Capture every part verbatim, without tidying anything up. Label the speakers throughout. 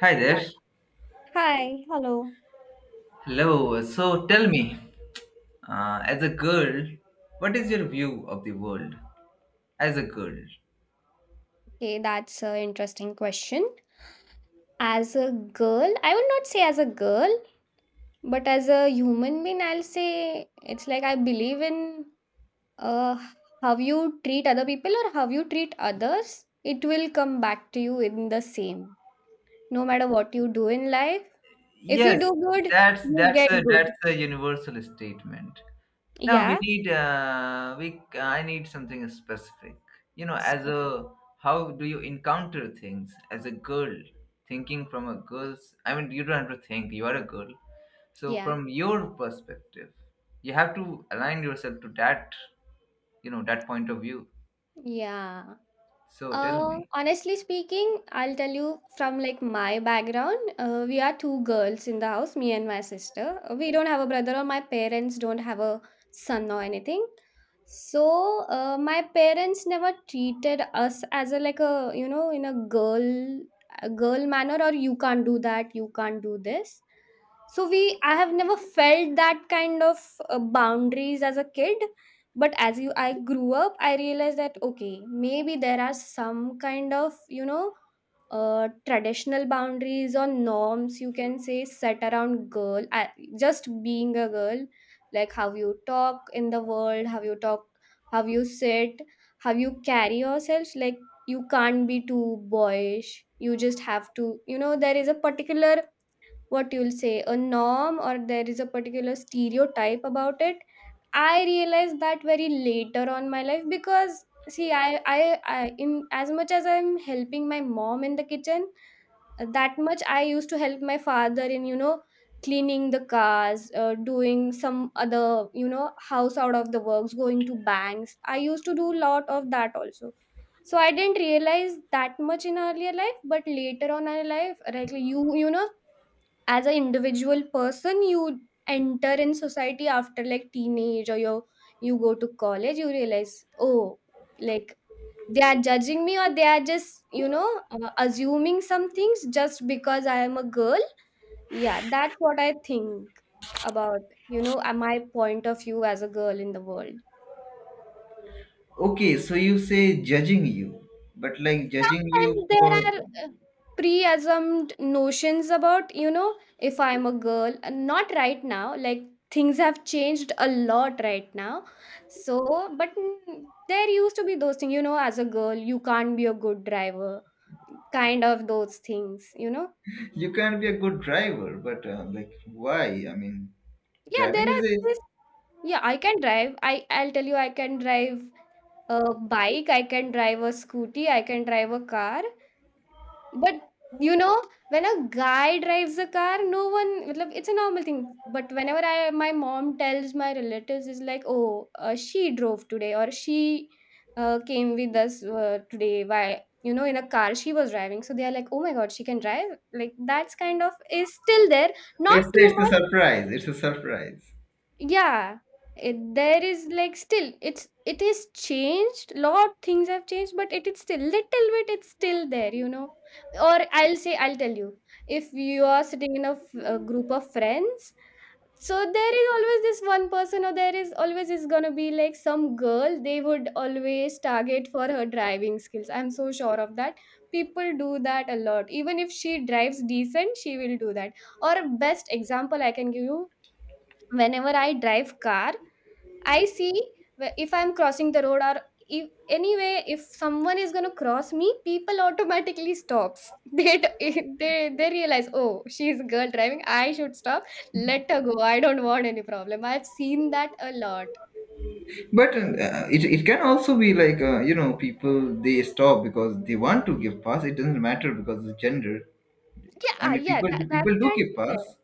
Speaker 1: Hi there.
Speaker 2: Hi. Hello.
Speaker 1: Hello. So tell me, uh, as a girl, what is your view of the world as a girl?
Speaker 2: Okay, that's an interesting question. As a girl, I would not say as a girl, but as a human being, I'll say it's like I believe in uh, how you treat other people or how you treat others. It will come back to you in the same. No matter what you do in life, if you
Speaker 1: Yes,
Speaker 2: do good,
Speaker 1: that's
Speaker 2: you
Speaker 1: that's
Speaker 2: get
Speaker 1: a that's
Speaker 2: good.
Speaker 1: a universal statement. Now we
Speaker 2: Yeah.
Speaker 1: need uh, we I need something specific. You know, as
Speaker 2: Spe-
Speaker 1: a How do you encounter things as a girl? Thinking from a girl's, I mean, you don't have to think. You are a girl, so
Speaker 2: Yeah.
Speaker 1: from your perspective, you have to align yourself to that, you know, that point of view.
Speaker 2: Yeah.
Speaker 1: So tell
Speaker 2: Uh,
Speaker 1: me.
Speaker 2: honestly speaking, I'll tell you from like my background, uh, we are two girls in the house, me and my sister. Uh, We don't have a brother, or my parents don't have a son or anything. So uh, my parents never treated us as a like a you know in a girl a girl manner, or you can't do that, you can't do this, so we I have never felt that kind of uh, boundaries as a kid, but as you I grew up I realized that okay maybe there are some kind of you know uh, traditional boundaries or norms you can say set around girl, uh, just being a girl. Like how you talk in the world, how you talk how you sit, how you carry yourself, like you can't be too boyish, you just have to you know there is a particular what you'll say a norm or there is a particular stereotype about it. I realized that very later on my life because see i i, I in as much as I'm helping my mom in the kitchen, uh, that much I used to help my father in you know cleaning the cars, uh, doing some other you know house out of the works, going to banks, I used to do lot of that also. So I didn't realize that much in earlier life, but later on in life, like you you know as an individual person, you enter in society after like teenage, or you you go to college you realize, oh, like they are judging me or they are just you know uh, assuming some things just because I am a girl. Yeah, that's what I think about, you know, uh, my point of view as a girl in the world.
Speaker 1: Okay, so you say judging you, but like judging you
Speaker 2: Sometimes there
Speaker 1: for?
Speaker 2: are uh, pre-assumed notions about, you know, if I'm a girl, and not right now, like things have changed a lot right now. So, but mm, there used to be those things, you know, as a girl, you can't be a good driver, kind of those things, you know.
Speaker 1: You can't be a good driver, but uh, like why? I mean,
Speaker 2: Yeah,
Speaker 1: driving
Speaker 2: there
Speaker 1: is
Speaker 2: are
Speaker 1: a—
Speaker 2: this, yeah, I can drive. I I'll tell you, I can drive a bike, I can drive a scooty, I can drive a car. But you know, when a guy drives a car, no one, मतलब, it's a normal thing. But whenever I, my mom tells my relatives, is like, oh, uh, she drove today, or she uh, came with us uh, today. Why, you know, in a car she was driving. So they are like, oh my god, she can drive. Like that's kind of is still there, not
Speaker 1: it's
Speaker 2: too
Speaker 1: it's a
Speaker 2: much.
Speaker 1: surprise. It's a surprise.
Speaker 2: Yeah, it, there is like still it's it is changed. Lot things have changed, but it is still little bit. It's still there, you know. Or I'll say I'll tell you if you are sitting in a, f- a group of friends. So there is always this one person, or there is always is gonna be like some girl. They would always target for her driving skills. I'm so sure of that. People do that a lot. Even if she drives decent, she will do that. Or best example I can give you. Whenever I drive car, I see wh- if I'm crossing the road or if anyway if someone is gonna cross me, people automatically stops. They d- they they realize, oh, she's a girl driving, I should stop. Let her go. I don't want any problem. I've seen that a lot.
Speaker 1: But uh, it it can also be like, uh, you know, people they stop because they want to give pass. It doesn't matter because of gender. I
Speaker 2: Yeah,
Speaker 1: mean,
Speaker 2: yeah,
Speaker 1: people
Speaker 2: that, that
Speaker 1: people do
Speaker 2: can
Speaker 1: give
Speaker 2: be
Speaker 1: pass.
Speaker 2: there.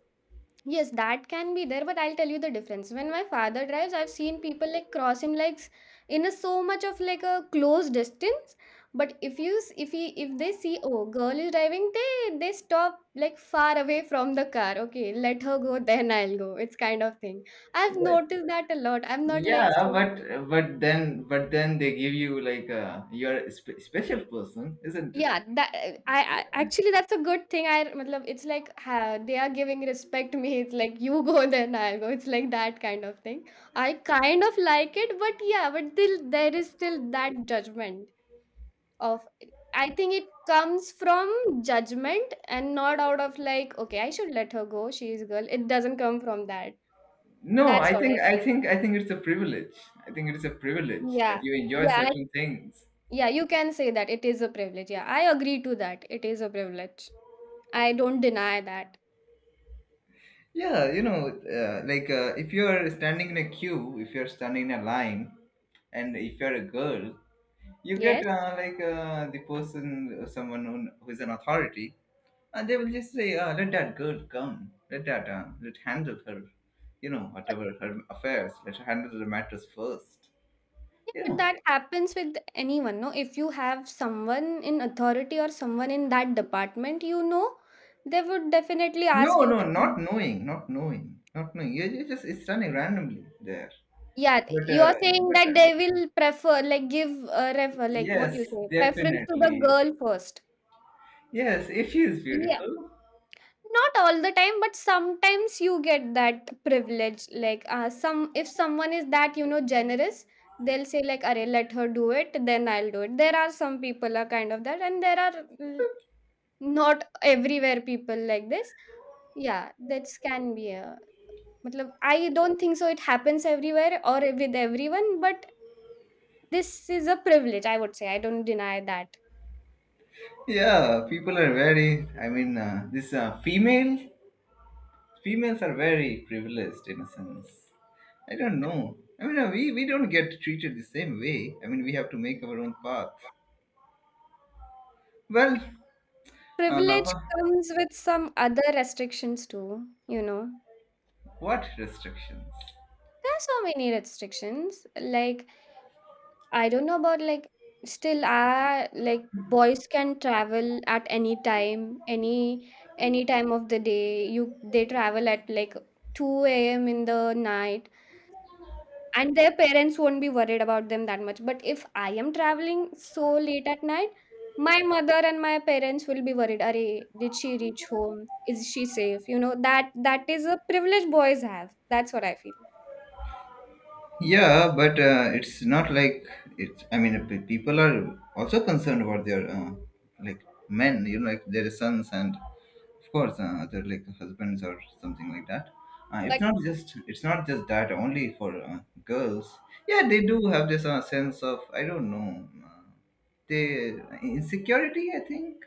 Speaker 2: Yes, that can be there, but I'll tell you the difference. When my father drives, I've seen people like cross him like s- in a so much of like a close distance. But if you s- if he if they see, oh, girl is driving, they they stop like far away from the car. Okay, let her go, then I'll go. It's kind of thing. I've
Speaker 1: But
Speaker 2: noticed that a lot. I'm not
Speaker 1: yeah,
Speaker 2: like so.
Speaker 1: but but then but then they give you like, uh, you're a spe- special person, isn't it?
Speaker 2: Yeah, that I I actually that's a good thing. I matlab it's like ha, they are giving respect to me. It's like you go then I'll go. It's like that kind of thing. I kind of like it, but yeah, but still there is still that judgment of I think it comes from judgment and not out of like, okay, I should let her go. She is a girl. It doesn't come from that.
Speaker 1: No,
Speaker 2: That's
Speaker 1: I
Speaker 2: what I
Speaker 1: think I
Speaker 2: think.
Speaker 1: think I think it's a privilege. I think it's a privilege that
Speaker 2: Yeah.
Speaker 1: you enjoy
Speaker 2: Yeah, I,
Speaker 1: certain things.
Speaker 2: yeah, you can say that it is a privilege. Yeah, I agree to that. It is a privilege. I don't deny that.
Speaker 1: Yeah, you know, uh, like uh, if you're standing in a queue, if you're standing in a line, and if you're a girl, you get,
Speaker 2: Yes.
Speaker 1: uh, like uh, the person, uh, someone who, who is an authority, and they will just say, uh, "Let that girl come. Let that— uh, let handle her, you know, whatever her affairs. Let her handle the matters first.
Speaker 2: Yeah,
Speaker 1: You
Speaker 2: but
Speaker 1: know?"
Speaker 2: that happens with anyone, no? If you have someone in authority or someone in that department, you know, they would definitely
Speaker 1: No,
Speaker 2: ask you
Speaker 1: no,
Speaker 2: to
Speaker 1: not
Speaker 2: come.
Speaker 1: knowing, not knowing, not knowing. You you just— it's running randomly there.
Speaker 2: Yeah,
Speaker 1: But
Speaker 2: you
Speaker 1: uh,
Speaker 2: are saying
Speaker 1: but
Speaker 2: that
Speaker 1: uh,
Speaker 2: they will prefer, like, give a refer, like what
Speaker 1: yes,
Speaker 2: you say, preference to the
Speaker 1: definitely.
Speaker 2: girl first.
Speaker 1: Yes, if she is
Speaker 2: Yeah,
Speaker 1: beautiful.
Speaker 2: not all the time, but sometimes you get that privilege. Like, uh, some if someone is that you know generous, they'll say like, "Arey, let her do it, then I'll do it." There are some people are kind of that, and there are not everywhere people like this. Yeah, that can be a matlab, I don't think so it happens everywhere or with everyone, but this is a privilege, I would say. I don't deny that.
Speaker 1: Yeah, people are very— I mean, uh, this uh, female females are very privileged in a sense. I don't know. I mean, uh, we we don't get treated the same way. I mean, we have to make our own path. Well, uh,
Speaker 2: Privilege
Speaker 1: wha-
Speaker 2: comes with some other restrictions too, you know.
Speaker 1: what restrictions?
Speaker 2: There are so many restrictions. Like I don't know about like still I like boys can travel at any time, any any time of the day. You they travel at like two a m in the night, and their parents won't be worried about them that much. But if I am traveling so late at night, my mother and my parents will be worried. Are did she reach home? Is she safe? You know that that is a privilege boys have. That's what I feel.
Speaker 1: Yeah, but uh, it's not like— it's— I mean, p- people are also concerned about their uh, like men, you know, like their sons and of course uh, their like husbands or something like that. Uh, it's
Speaker 2: But
Speaker 1: not just— it's not just that only for uh, girls. Yeah, they do have this uh, sense of, I don't know, uh, they insecurity, I think,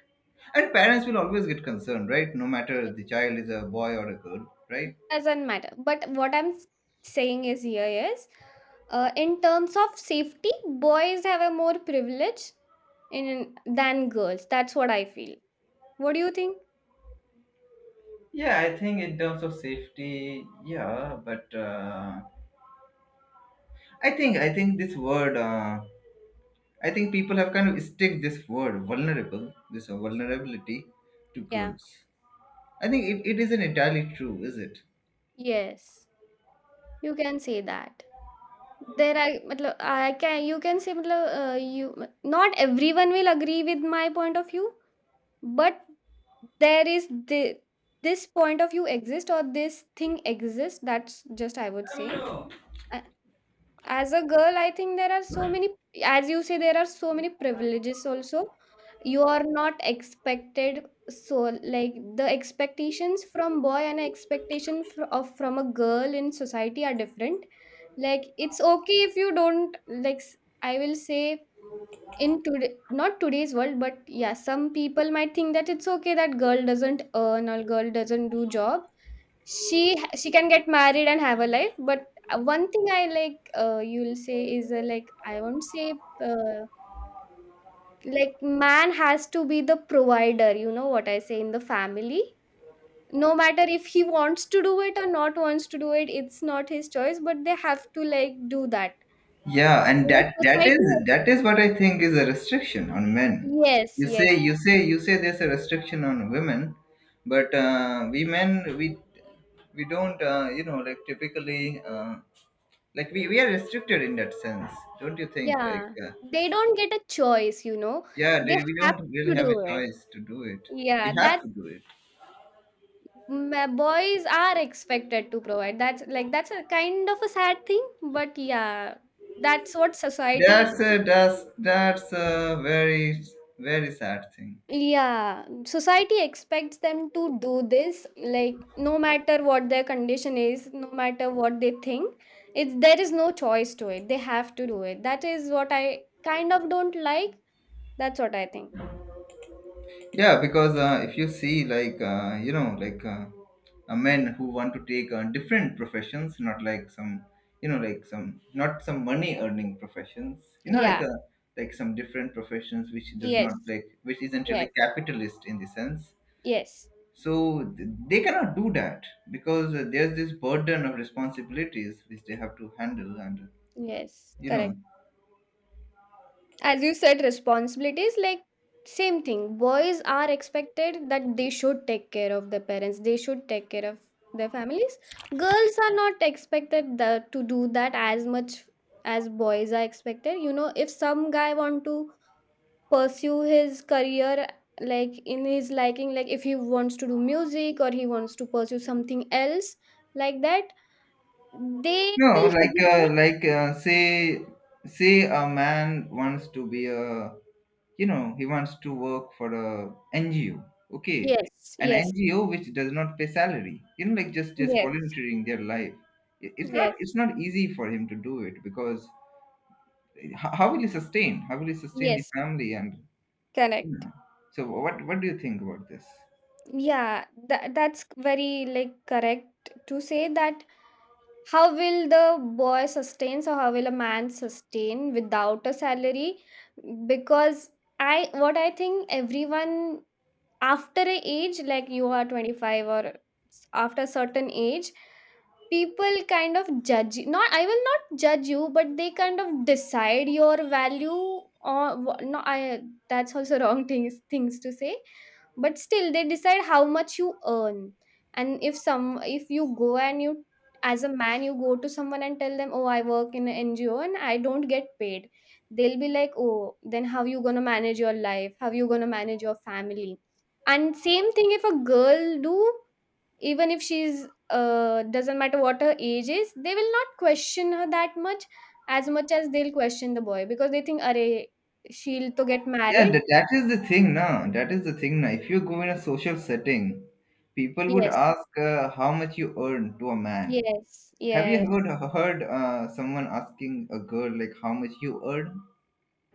Speaker 1: and parents will always get concerned, right? No matter
Speaker 2: yeah,
Speaker 1: the child is a boy or a girl, right?
Speaker 2: doesn't matter, but what I'm s- saying is here is uh, in terms of safety boys have a more privilege in than girls, that's what I feel. What do you think?
Speaker 1: Yeah, I think in terms of safety, yeah, but uh, I think, I think this word uh, I think people have kind of stick this word vulnerable, this uh, vulnerability to
Speaker 2: Yeah,
Speaker 1: girls. I think it, it isn't entirely true, is it?
Speaker 2: yes, you can say that there are matlab, I can you can say matlab, uh, you not everyone will agree with my point of view, but there is the, this point of view exists or this thing exists, that's just I would say. Uh, As a girl, I think there are so many, as you say, there are so many privileges also. You are not expected, so like the expectations from boy and expectation fr- of from a girl in society are different. Like it's okay if you don't like. s- I will say in today not today's world, but yeah, some people might think that it's okay that girl doesn't earn or girl doesn't do job, she ha- she can get married and have a life, but uh, one thing I like uh, you'll say is uh, like I won't say uh, like man has to be the provider, you know what I say, in the family, no matter if he wants to do it or not wants to do it, it's not his choice, but they have to like do that.
Speaker 1: Yeah, and
Speaker 2: In a
Speaker 1: that that is
Speaker 2: society,
Speaker 1: that is what I think is a restriction on men.
Speaker 2: yes,
Speaker 1: you say
Speaker 2: yes.
Speaker 1: you say you say there's a restriction on women, but uh, we men, we we don't uh, you know, like typically, uh, like we, we are restricted in that sense, don't you think? Like
Speaker 2: Yeah,
Speaker 1: uh,
Speaker 2: they don't get a choice, you know.
Speaker 1: yeah,
Speaker 2: They
Speaker 1: they- we
Speaker 2: have
Speaker 1: don't really
Speaker 2: to
Speaker 1: have a
Speaker 2: do it.
Speaker 1: choice to do it. We
Speaker 2: Yeah,
Speaker 1: have
Speaker 2: that
Speaker 1: to do it.
Speaker 2: ma- boys are expected to provide. That's like that's a kind of a sad thing, but yeah, that's what society
Speaker 1: that's
Speaker 2: expects.
Speaker 1: a that's that's a very very sad thing.
Speaker 2: Yeah, society expects them to do this, like no matter what their condition is, no matter what they think, it's there is no choice to it. They have to do it. That is what I kind of don't like. That's what I think.
Speaker 1: Yeah, because uh, if you see like, uh, you know like uh, uh, men who want to take uh, different professions, not like some, you know, like some— not some money earning professions, you know, like
Speaker 2: Yeah.
Speaker 1: uh like some different professions which does not,
Speaker 2: Yes.
Speaker 1: like, which isn't really
Speaker 2: Yes.
Speaker 1: capitalist in the sense.
Speaker 2: Yes.
Speaker 1: So th- they cannot do that because uh, there's this burden of responsibilities which they have to handle and
Speaker 2: Yes,
Speaker 1: you know.
Speaker 2: correct. As you said, responsibilities like same thing. Boys are expected that they should take care of their parents. They should take care of their families. Girls are not expected the, to do that as much as boys are expected. You know, if some guy want to pursue his career like in his liking, like if he wants to do music or he wants to pursue something else like that, they
Speaker 1: No
Speaker 2: will
Speaker 1: like uh,
Speaker 2: hesitate.
Speaker 1: like uh, say, say a man wants to be a, you know, he wants to work for a ngo, okay,
Speaker 2: Yes,
Speaker 1: an
Speaker 2: yes,
Speaker 1: ngo which does not pay salary, you know, like just— just
Speaker 2: yes,
Speaker 1: volunteering their life. I- it's— not
Speaker 2: yes.
Speaker 1: it's not easy for him to do it because h- how will he sustain, how will he sustain the
Speaker 2: Yes,
Speaker 1: family and you
Speaker 2: correct.
Speaker 1: know. So what what do you think about this?
Speaker 2: Yeah, that that's very like correct to say that how will the boy sustain or how will a man sustain without a salary? Because I what I think, everyone after a age like you are twenty-five or s- after certain age, people kind of judge you. Not, I will not judge you, but they kind of decide your value. Or wh- no I that's also wrong things things to say, but still they decide how much you earn. And if some if you go and you as a man, you go to someone and tell them, oh, I work in an NGO and I don't get paid, they'll be like, oh, then how you gonna manage your life, how you gonna manage your family. And same thing if a girl do, even if she's, uh doesn't matter what her age is, they will not question her that much as much as they'll question the boy, because they think are she'll to get
Speaker 1: Yeah,
Speaker 2: married.
Speaker 1: that, that is the thing now. That is the thing now. If you go in a social setting, people would
Speaker 2: Yes,
Speaker 1: ask, uh, how much you earn to a man.
Speaker 2: yes,
Speaker 1: Have you
Speaker 2: yes.
Speaker 1: ever heard uh, someone asking a girl like how much you earn?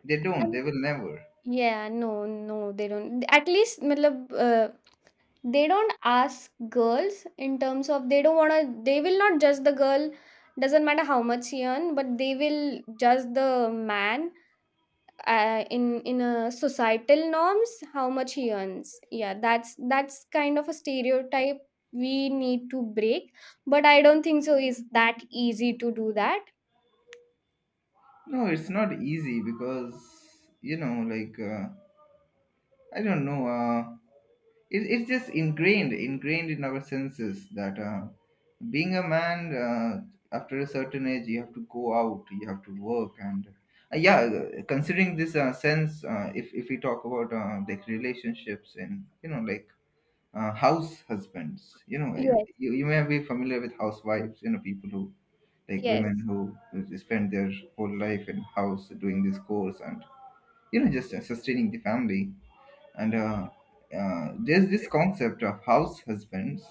Speaker 1: They don't.
Speaker 2: And
Speaker 1: They will never.
Speaker 2: yeah, no, no, they don't, at least matlab, uh, they don't ask girls in terms of, they don't want to, they will not judge the girl, doesn't matter how much he earn, but they will judge the man, uh, in in a societal norms how much he earns, yeah, that's that's kind of a stereotype we need to break. But I don't think so is that easy to do that.
Speaker 1: No, it's not easy because, you know, like, uh, I don't know. Uh, it, it's just ingrained ingrained in our senses that uh, being a man, uh, after a certain age you have to go out, you have to work, and uh, yeah, uh, considering this uh, sense, uh, if, if we talk about uh, like relationships and you know, like uh, house husbands, you know, uh,
Speaker 2: Yes,
Speaker 1: you, you may be familiar with housewives, you know, people who— like
Speaker 2: yes,
Speaker 1: women who who spend their whole life in house doing this course and you know, just uh, sustaining the family, and uh, uh, there's this concept of house husbands,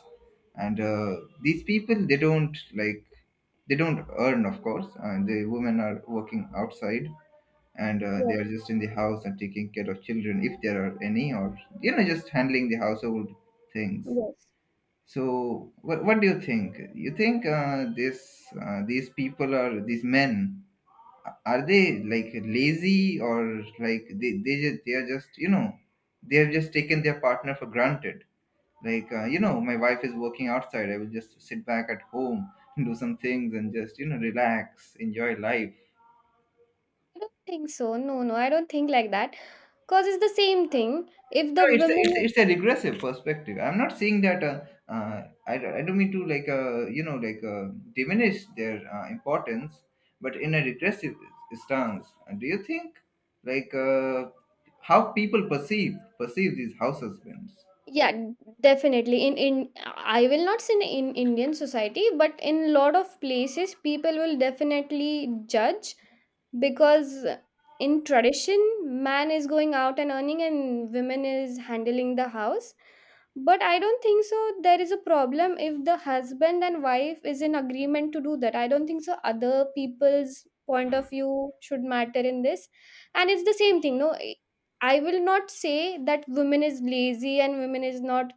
Speaker 1: and uh, these people they don't like— they don't earn, of course, and the women are working outside, and uh, they
Speaker 2: yes,
Speaker 1: are just in the house and taking care of children, if there are any, or you know, just handling the household things.
Speaker 2: yes.
Speaker 1: So what, what do you think? You think uh, this uh, these people, are these men, are they like lazy, or like they they just— they are just, you know, they have just taken their partner for granted, like uh, you know, my wife is working outside, I will just sit back at home and do some things and just, you know, relax, enjoy life.
Speaker 2: I don't think so. No, no, I don't think like that, cause it's the same thing if the
Speaker 1: No, it's a,
Speaker 2: women.
Speaker 1: it's a, it's a regressive perspective. I'm not saying that. Uh, uh, I, don't- I don't mean to, like, uh, you know like uh, diminish their uh, importance, but in a regressive stance. And do you think like, uh, how people perceive perceive these house husbands?
Speaker 2: Yeah, definitely in in, I will not say in Indian society, but in lot of places people will definitely judge. Because in tradition, man is going out and earning, and women is handling the house. But I don't think so there is a problem if the husband and wife is in agreement to do that. I don't think so other people's point of view should matter in this. And it's the same thing, no. I will not say that women is lazy and women is not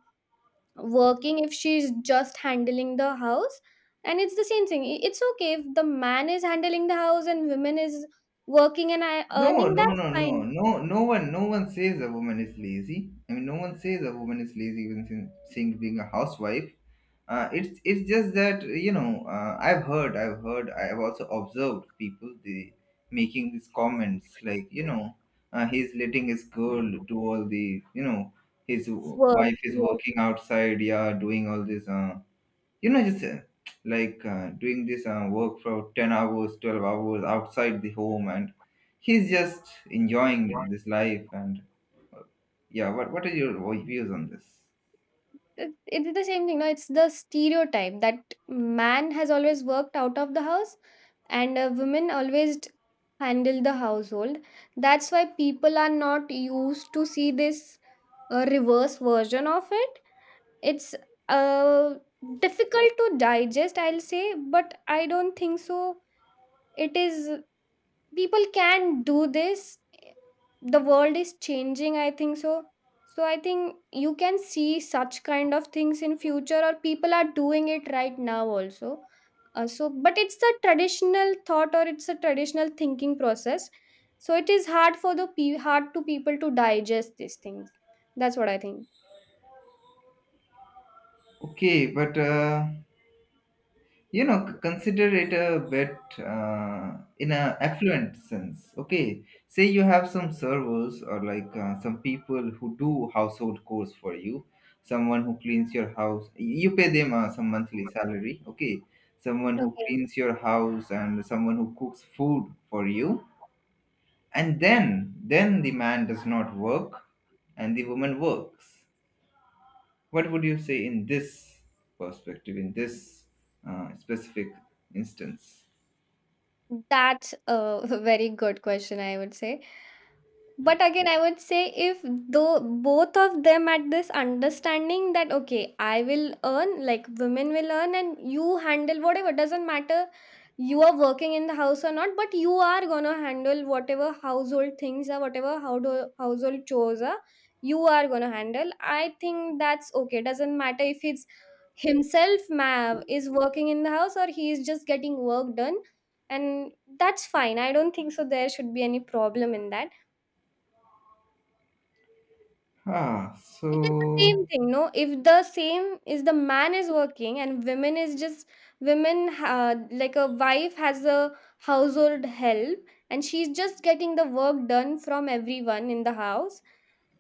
Speaker 2: working if she's just handling the house. And it's the same thing. I- It's okay if the man is handling the house and women is working and I-
Speaker 1: No,
Speaker 2: earning.
Speaker 1: no,
Speaker 2: That's
Speaker 1: no, no,
Speaker 2: fine.
Speaker 1: no, no one, no one says a woman is lazy. I mean, no one says a woman is lazy, even sin- saying, being a housewife. Uh, it's— it's just that, you know, uh, I've heard, I've heard, I've also observed people the— making these comments like, you know, uh, he's letting his girl do all the, you know, his w-
Speaker 2: Work.
Speaker 1: wife is
Speaker 2: Yes.
Speaker 1: working outside, yeah, doing all this. Uh, you know, just uh, like uh, doing this uh, work for ten hours, twelve hours outside the home, and he's just enjoying this life, and yeah, what, what are your views on this?
Speaker 2: It- It's the same thing. No, it's the stereotype that man has always worked out of the house and uh, women always t- handle the household. That's why people are not used to see this uh, reverse version of it. It's uh difficult to digest, I'll say, but I don't think so. It is, people can do this. The world is changing, I think so. So I think you can see such kind of things in future, or people are doing it right now also. Uh, so but it's a traditional thought, or it's a traditional thinking process. So it is hard for the pe- hard to people to digest these things. That's what I think.
Speaker 1: Okay, but uh, you know, c- consider it a bit, uh, in a affluent sense. Okay, say you have some servers or like uh, some people who do household chores for you, someone who cleans your house, you pay them uh, some monthly salary, okay, someone who
Speaker 2: Okay.
Speaker 1: cleans your house and someone who cooks food for you, and then then the man does not work and the woman works. What would you say in this perspective, in this uh, specific instance?
Speaker 2: That's a very good question, I would say. But again, I would say if though both of them at this understanding that okay, I will earn, like women will earn, and you handle whatever, doesn't matter. You are working in the house or not, but you are gonna handle whatever household things are, whatever household household chores are. You are gonna handle. I think that's okay. Doesn't matter if it's himself ma- is working in the house, or he is just getting work done, and that's fine. I don't think so there should be any problem in that.
Speaker 1: Ah,
Speaker 2: It is the
Speaker 1: so
Speaker 2: same thing, no, if the same is the man is working and women is just, women ha- like a wife has a household help and she's just getting the work done from everyone in the house.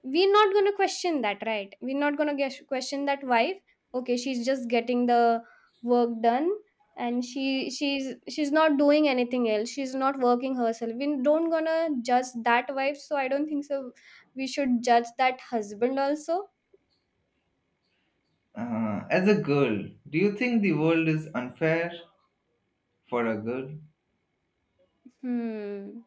Speaker 2: We're not going to question that, right? We're not going to question that wife. Okay, she's just getting the work done, and she she's she's not doing anything else, she's not working herself, we don't gonna judge that wife, so I don't think so we should judge that husband also.
Speaker 1: uh, as a girl, do you think the world is unfair for a girl?
Speaker 2: Hmm.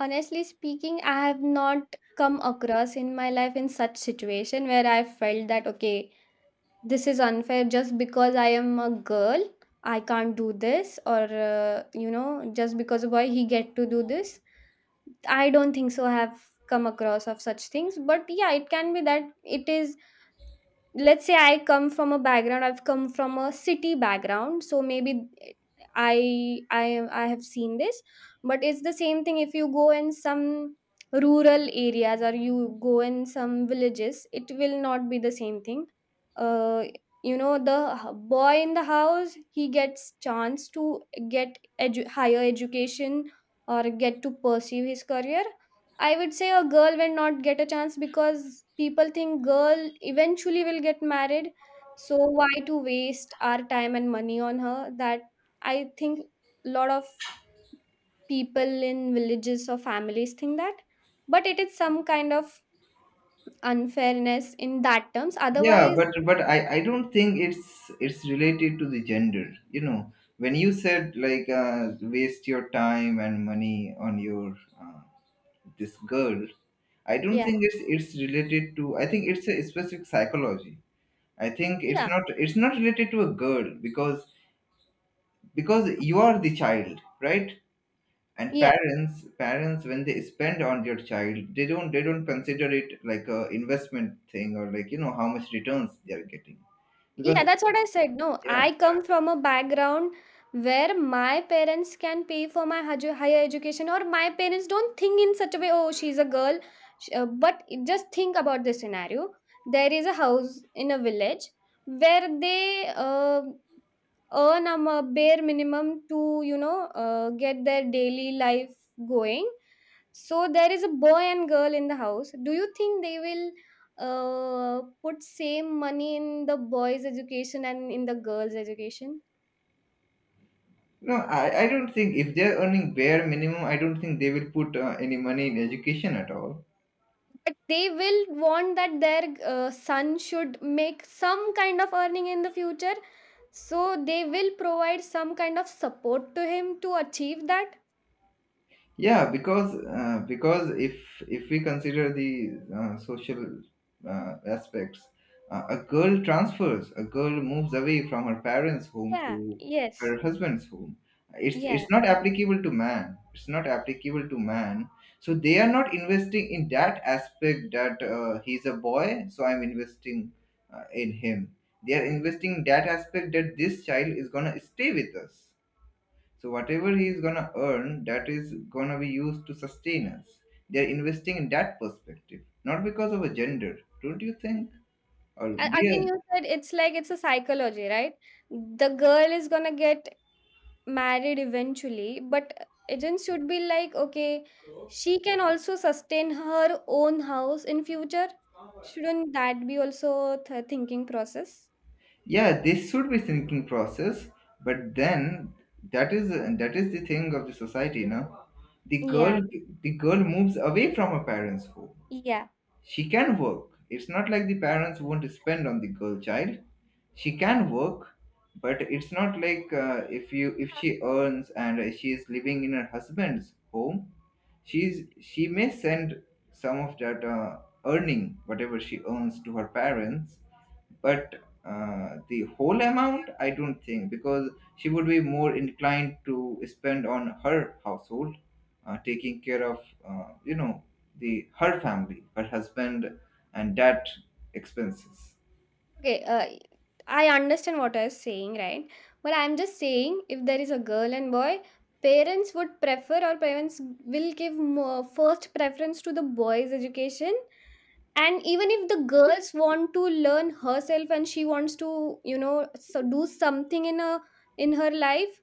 Speaker 2: Honestly speaking, I have not come across in my life in such situation where I felt that okay, this is unfair just because I am a girl I can't do this, or uh, you know just because a boy he get to do this. I don't think so I have come across of such things, but yeah, it can be that it is, let's say I come from a background, I've come from a city background, so maybe i i i have seen this. But it's the same thing, if you go in some rural areas or you go in some villages, it will not be the same thing. Uh you know the h- boy in the house, he gets chance to get edu- higher education, or get to pursue his career. I would say a girl will not get a chance, because people think girl eventually will get married. So why to waste our time and money on her? That, I think, lot of people in villages or families think that. But it is some kind of unfairness in that terms.
Speaker 1: Yeah,
Speaker 2: Otherwise,
Speaker 1: but but I, I don't think it's— it's related to the gender. You know, when you said like, uh, waste your time and money on your uh, this girl, I don't
Speaker 2: yeah,
Speaker 1: think it's— it's related to. I think it's a specific psychology. I think it's
Speaker 2: yeah,
Speaker 1: not, it's not related to a girl, because— because you are the child, right? And
Speaker 2: yeah.
Speaker 1: parents parents when they spend on their child, they don't, they don't consider it like a investment thing or, like, you know, how much returns they are getting, because—
Speaker 2: Yeah, that's what I said. No,
Speaker 1: yeah,
Speaker 2: I come from a background where my parents can pay for my haj- higher education, or my parents don't think in such a way, oh, she's a girl. Sh- uh, But just think about this scenario. There is a house in a village where they uh, earn um, a bare minimum to, you know uh, get their daily life going. So there is a boy and girl in the house, do you think they will uh, put same money in the boys education and in the girls education?
Speaker 1: no, i, I don't think if they're earning bare minimum, I don't think they will put uh, any money in education at all.
Speaker 2: But they will want that their uh, son should make some kind of earning in the future, so they will provide some kind of support to him to achieve that.
Speaker 1: Yeah, because uh, because if if we consider the uh, social uh, aspects, uh, a girl transfers a girl moves away from her parents' home
Speaker 2: Yeah,
Speaker 1: to
Speaker 2: yes,
Speaker 1: her husband's home. It's—
Speaker 2: yeah.
Speaker 1: it's not applicable to man, it's not applicable to man. So they are not investing in that aspect that, uh, he's a boy, so I'm investing uh, in him. They are investing in that aspect that this child is going to stay with us, so whatever he is gonna earn, that is gonna be used to sustain us. They are investing in that perspective, not because of a gender, don't you think? Or
Speaker 2: A again,
Speaker 1: yeah,
Speaker 2: you said it's like it's a psychology, right? The girl is gonna get married eventually, but agents should be like, okay, she can also sustain her own house in future. Shouldn't that be also th- thinking process?
Speaker 1: yeah, this should be thinking process, but then that is— that is the thing of the society, no? The
Speaker 2: Yeah,
Speaker 1: girl— the girl moves away from her parents' home.
Speaker 2: yeah,
Speaker 1: She can work. It's not like the parents won't spend on the girl child. She can work, but it's not like, uh, if you— if
Speaker 2: yeah.
Speaker 1: she earns and uh, she is living in her husband's home, she's, she may send some of that uh, earning, whatever she earns, to her parents, but uh, the whole amount, I don't think, because she would be more inclined to spend on her household, uh, taking care of, uh, you know, the— her family, her husband, and that expenses.
Speaker 2: Okay, uh, I understand what I was saying, right? But I'm just saying, if there is a girl and boy, parents would prefer, or parents will give more first preference to the boy's education, and even if the girls want to learn herself and she wants to, you know so do something in a in her life,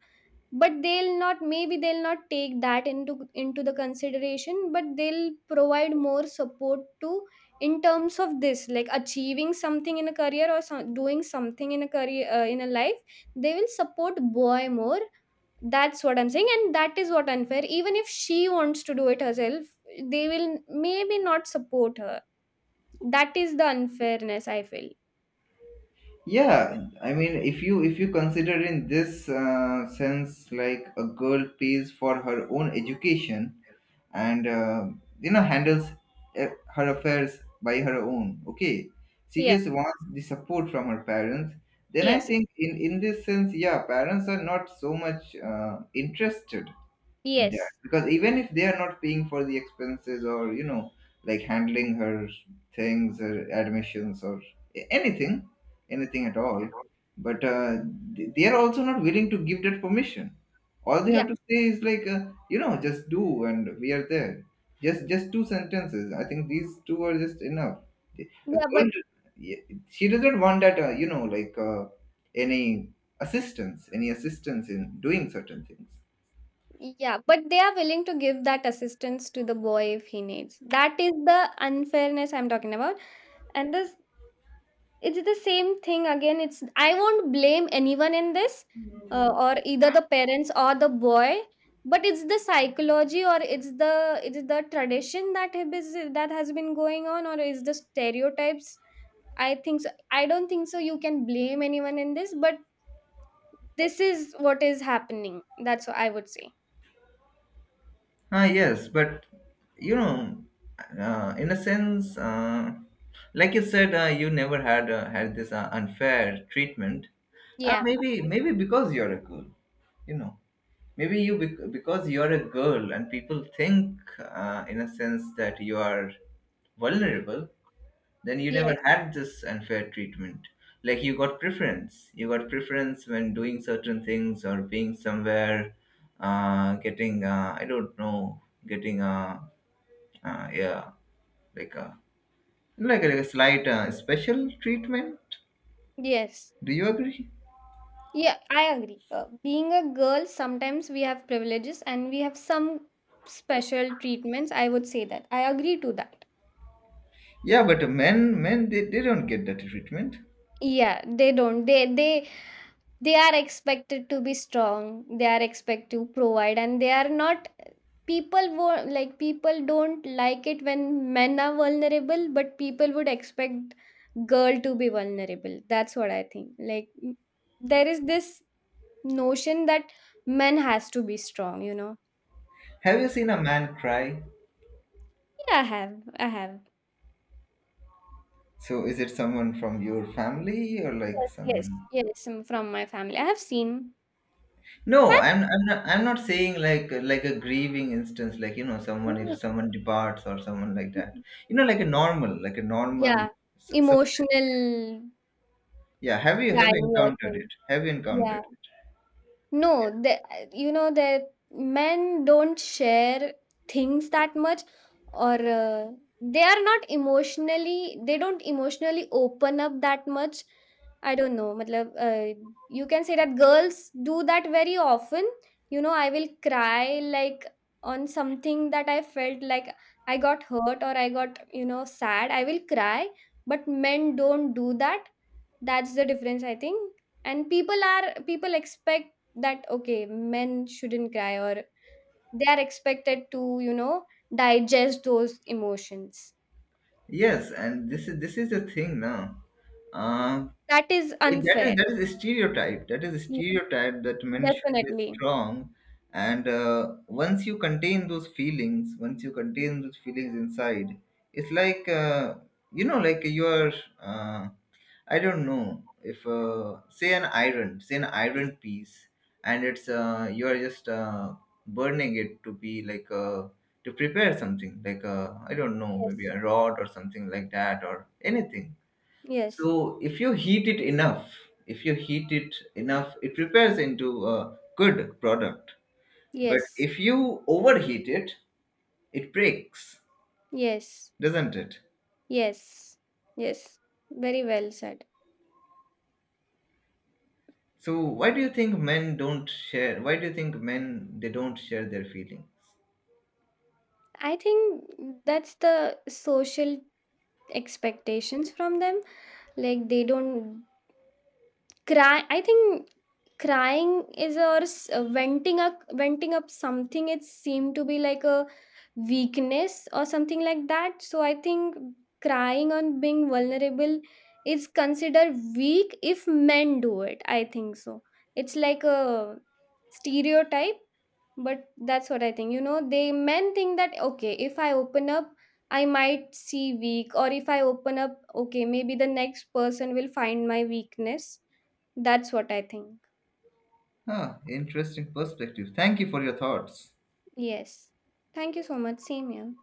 Speaker 2: but they'll not maybe they'll not take that into into the consideration, but they'll provide more support to, in terms of this like achieving something in a career, or some, doing something in a career, uh, in a life, they will support boy more. That's what I'm saying, and that is what unfair. Even if she wants to do it herself, they will maybe not support her. That is the unfairness I feel.
Speaker 1: Yeah, I mean, if you— if you consider in this uh, sense, like a girl pays for her own education and uh, you know, handles uh, her affairs by her own, okay, she
Speaker 2: Yeah.
Speaker 1: just wants the support from her parents, then I
Speaker 2: Yes.
Speaker 1: think in in this sense, yeah, parents are not so much uh, interested in that,
Speaker 2: Yes.
Speaker 1: because even if they are not paying for the expenses, or, you know, like handling her things, her admissions, or a- anything, anything at all, but uh, th- they are also not willing to give that permission. All they
Speaker 2: Yeah.
Speaker 1: have to say is like, uh, you know, just do and we are there. Just— just two sentences, I think, these two are just enough. A
Speaker 2: Yeah, but
Speaker 1: girl— yeah, she doesn't want that, uh, you know like uh, any assistance, any assistance in doing certain things.
Speaker 2: yeah, but they are willing to give that assistance to the boy if he needs. That is the unfairness I'm talking about. And this it's the same thing again. It's I won't blame anyone in this, uh, or either the parents or the boy. But it's the psychology, or it's the it's the tradition that have is that has been going on, or is the stereotypes, I think so. I don't think so you can blame anyone in this, but this is what is happening. That's what I would say.
Speaker 1: Ah, yes, but you know, uh, in a sense, uh, like you said, uh, you never had uh, had this uh, unfair treatment. Uh,
Speaker 2: Yeah.
Speaker 1: maybe, maybe because you're a girl, you know, maybe you bec- because you're a girl, and people think, uh, in a sense, that you are vulnerable, then you never
Speaker 2: Yes.
Speaker 1: had this unfair treatment. Like you got preference, you got preference when doing certain things, or being somewhere, uh getting, uh I don't know, getting uh, uh yeah, like a— like a, like a slight uh, special treatment.
Speaker 2: Yes.
Speaker 1: Do you agree?
Speaker 2: Yeah, I agree. Uh, being a girl, sometimes we have privileges and we have some special treatments. I would say that. I agree to that.
Speaker 1: Yeah, but men, men they, they don't get that treatment.
Speaker 2: Yeah, they don't. They they they are expected to be strong, they are expected to provide, and they are not, people wo- like people don't like it when men are vulnerable, but people would expect girl to be vulnerable. That's what I think, like, m- there is this notion that men has to be strong, you know.
Speaker 1: Have you seen a man cry?
Speaker 2: Yeah, I have. I have.
Speaker 1: So is it someone from your family or like
Speaker 2: Yes,
Speaker 1: someone—
Speaker 2: yes, yes. Um, from my family I have seen.
Speaker 1: no,
Speaker 2: i've
Speaker 1: I'm— I'm not, I'm not saying like— like a grieving instance, like, you know, someone, if
Speaker 2: seen,
Speaker 1: someone departs or someone like that. You know, like a normal, like a normal.
Speaker 2: yeah.
Speaker 1: So, so,
Speaker 2: Emotional
Speaker 1: yeah, have you— have you
Speaker 2: crying, you're
Speaker 1: encountered
Speaker 2: saying?
Speaker 1: it? Have you
Speaker 2: Yeah.
Speaker 1: encountered?
Speaker 2: No, the you know, the men don't share things that much, or uh, they are not emotionally. They don't emotionally open up that much. I don't know. Matlab, Uh, you can say that girls do that very often. You know, I will cry like on something that I felt like I got hurt, or I got, you know sad. I will cry, but men don't do that. That's the difference, I think. And people are people expect that okay men shouldn't cry, or they are expected to, you know digest those emotions.
Speaker 1: Yes, and this is— this is the thing now. Uh,
Speaker 2: That is
Speaker 1: it- that is—
Speaker 2: unfair.
Speaker 1: that is a stereotype, that is a
Speaker 2: Yeah,
Speaker 1: stereotype that men should be
Speaker 2: definitely.
Speaker 1: strong, and uh, once you contain those feelings, once you contain those feelings inside, it's like, uh, you know, like you are, uh, I don't know, if uh, say an iron, say an iron piece, and it's, uh, you are just uh, burning it to be like, uh, to prepare something like, uh, I don't know, maybe
Speaker 2: Yes,
Speaker 1: a rod or something like that, or anything.
Speaker 2: yes,
Speaker 1: So if you heat it enough, if you heat it enough, it prepares into a good product. But
Speaker 2: yes,
Speaker 1: if you overheat it, it breaks,
Speaker 2: yes,
Speaker 1: doesn't it?
Speaker 2: yes, yes, very well said.
Speaker 1: So why do you think men don't share? Why do you think men they don't share their feelings?
Speaker 2: I think that's the social expectations from them, like they don't cry. I think crying is, or s- uh, venting up venting up something, it seemed to be like a weakness or something like that. So I think crying on being vulnerable is considered weak if men do it, I think so, it's like a stereotype. But that's what I think, you know, they men think that okay if I open up I might see weak, or if I open up okay maybe the next person will find my weakness. That's what I think.
Speaker 1: Huh, interesting perspective. Thank you for your thoughts.
Speaker 2: Yes. Thank you so much. Same here.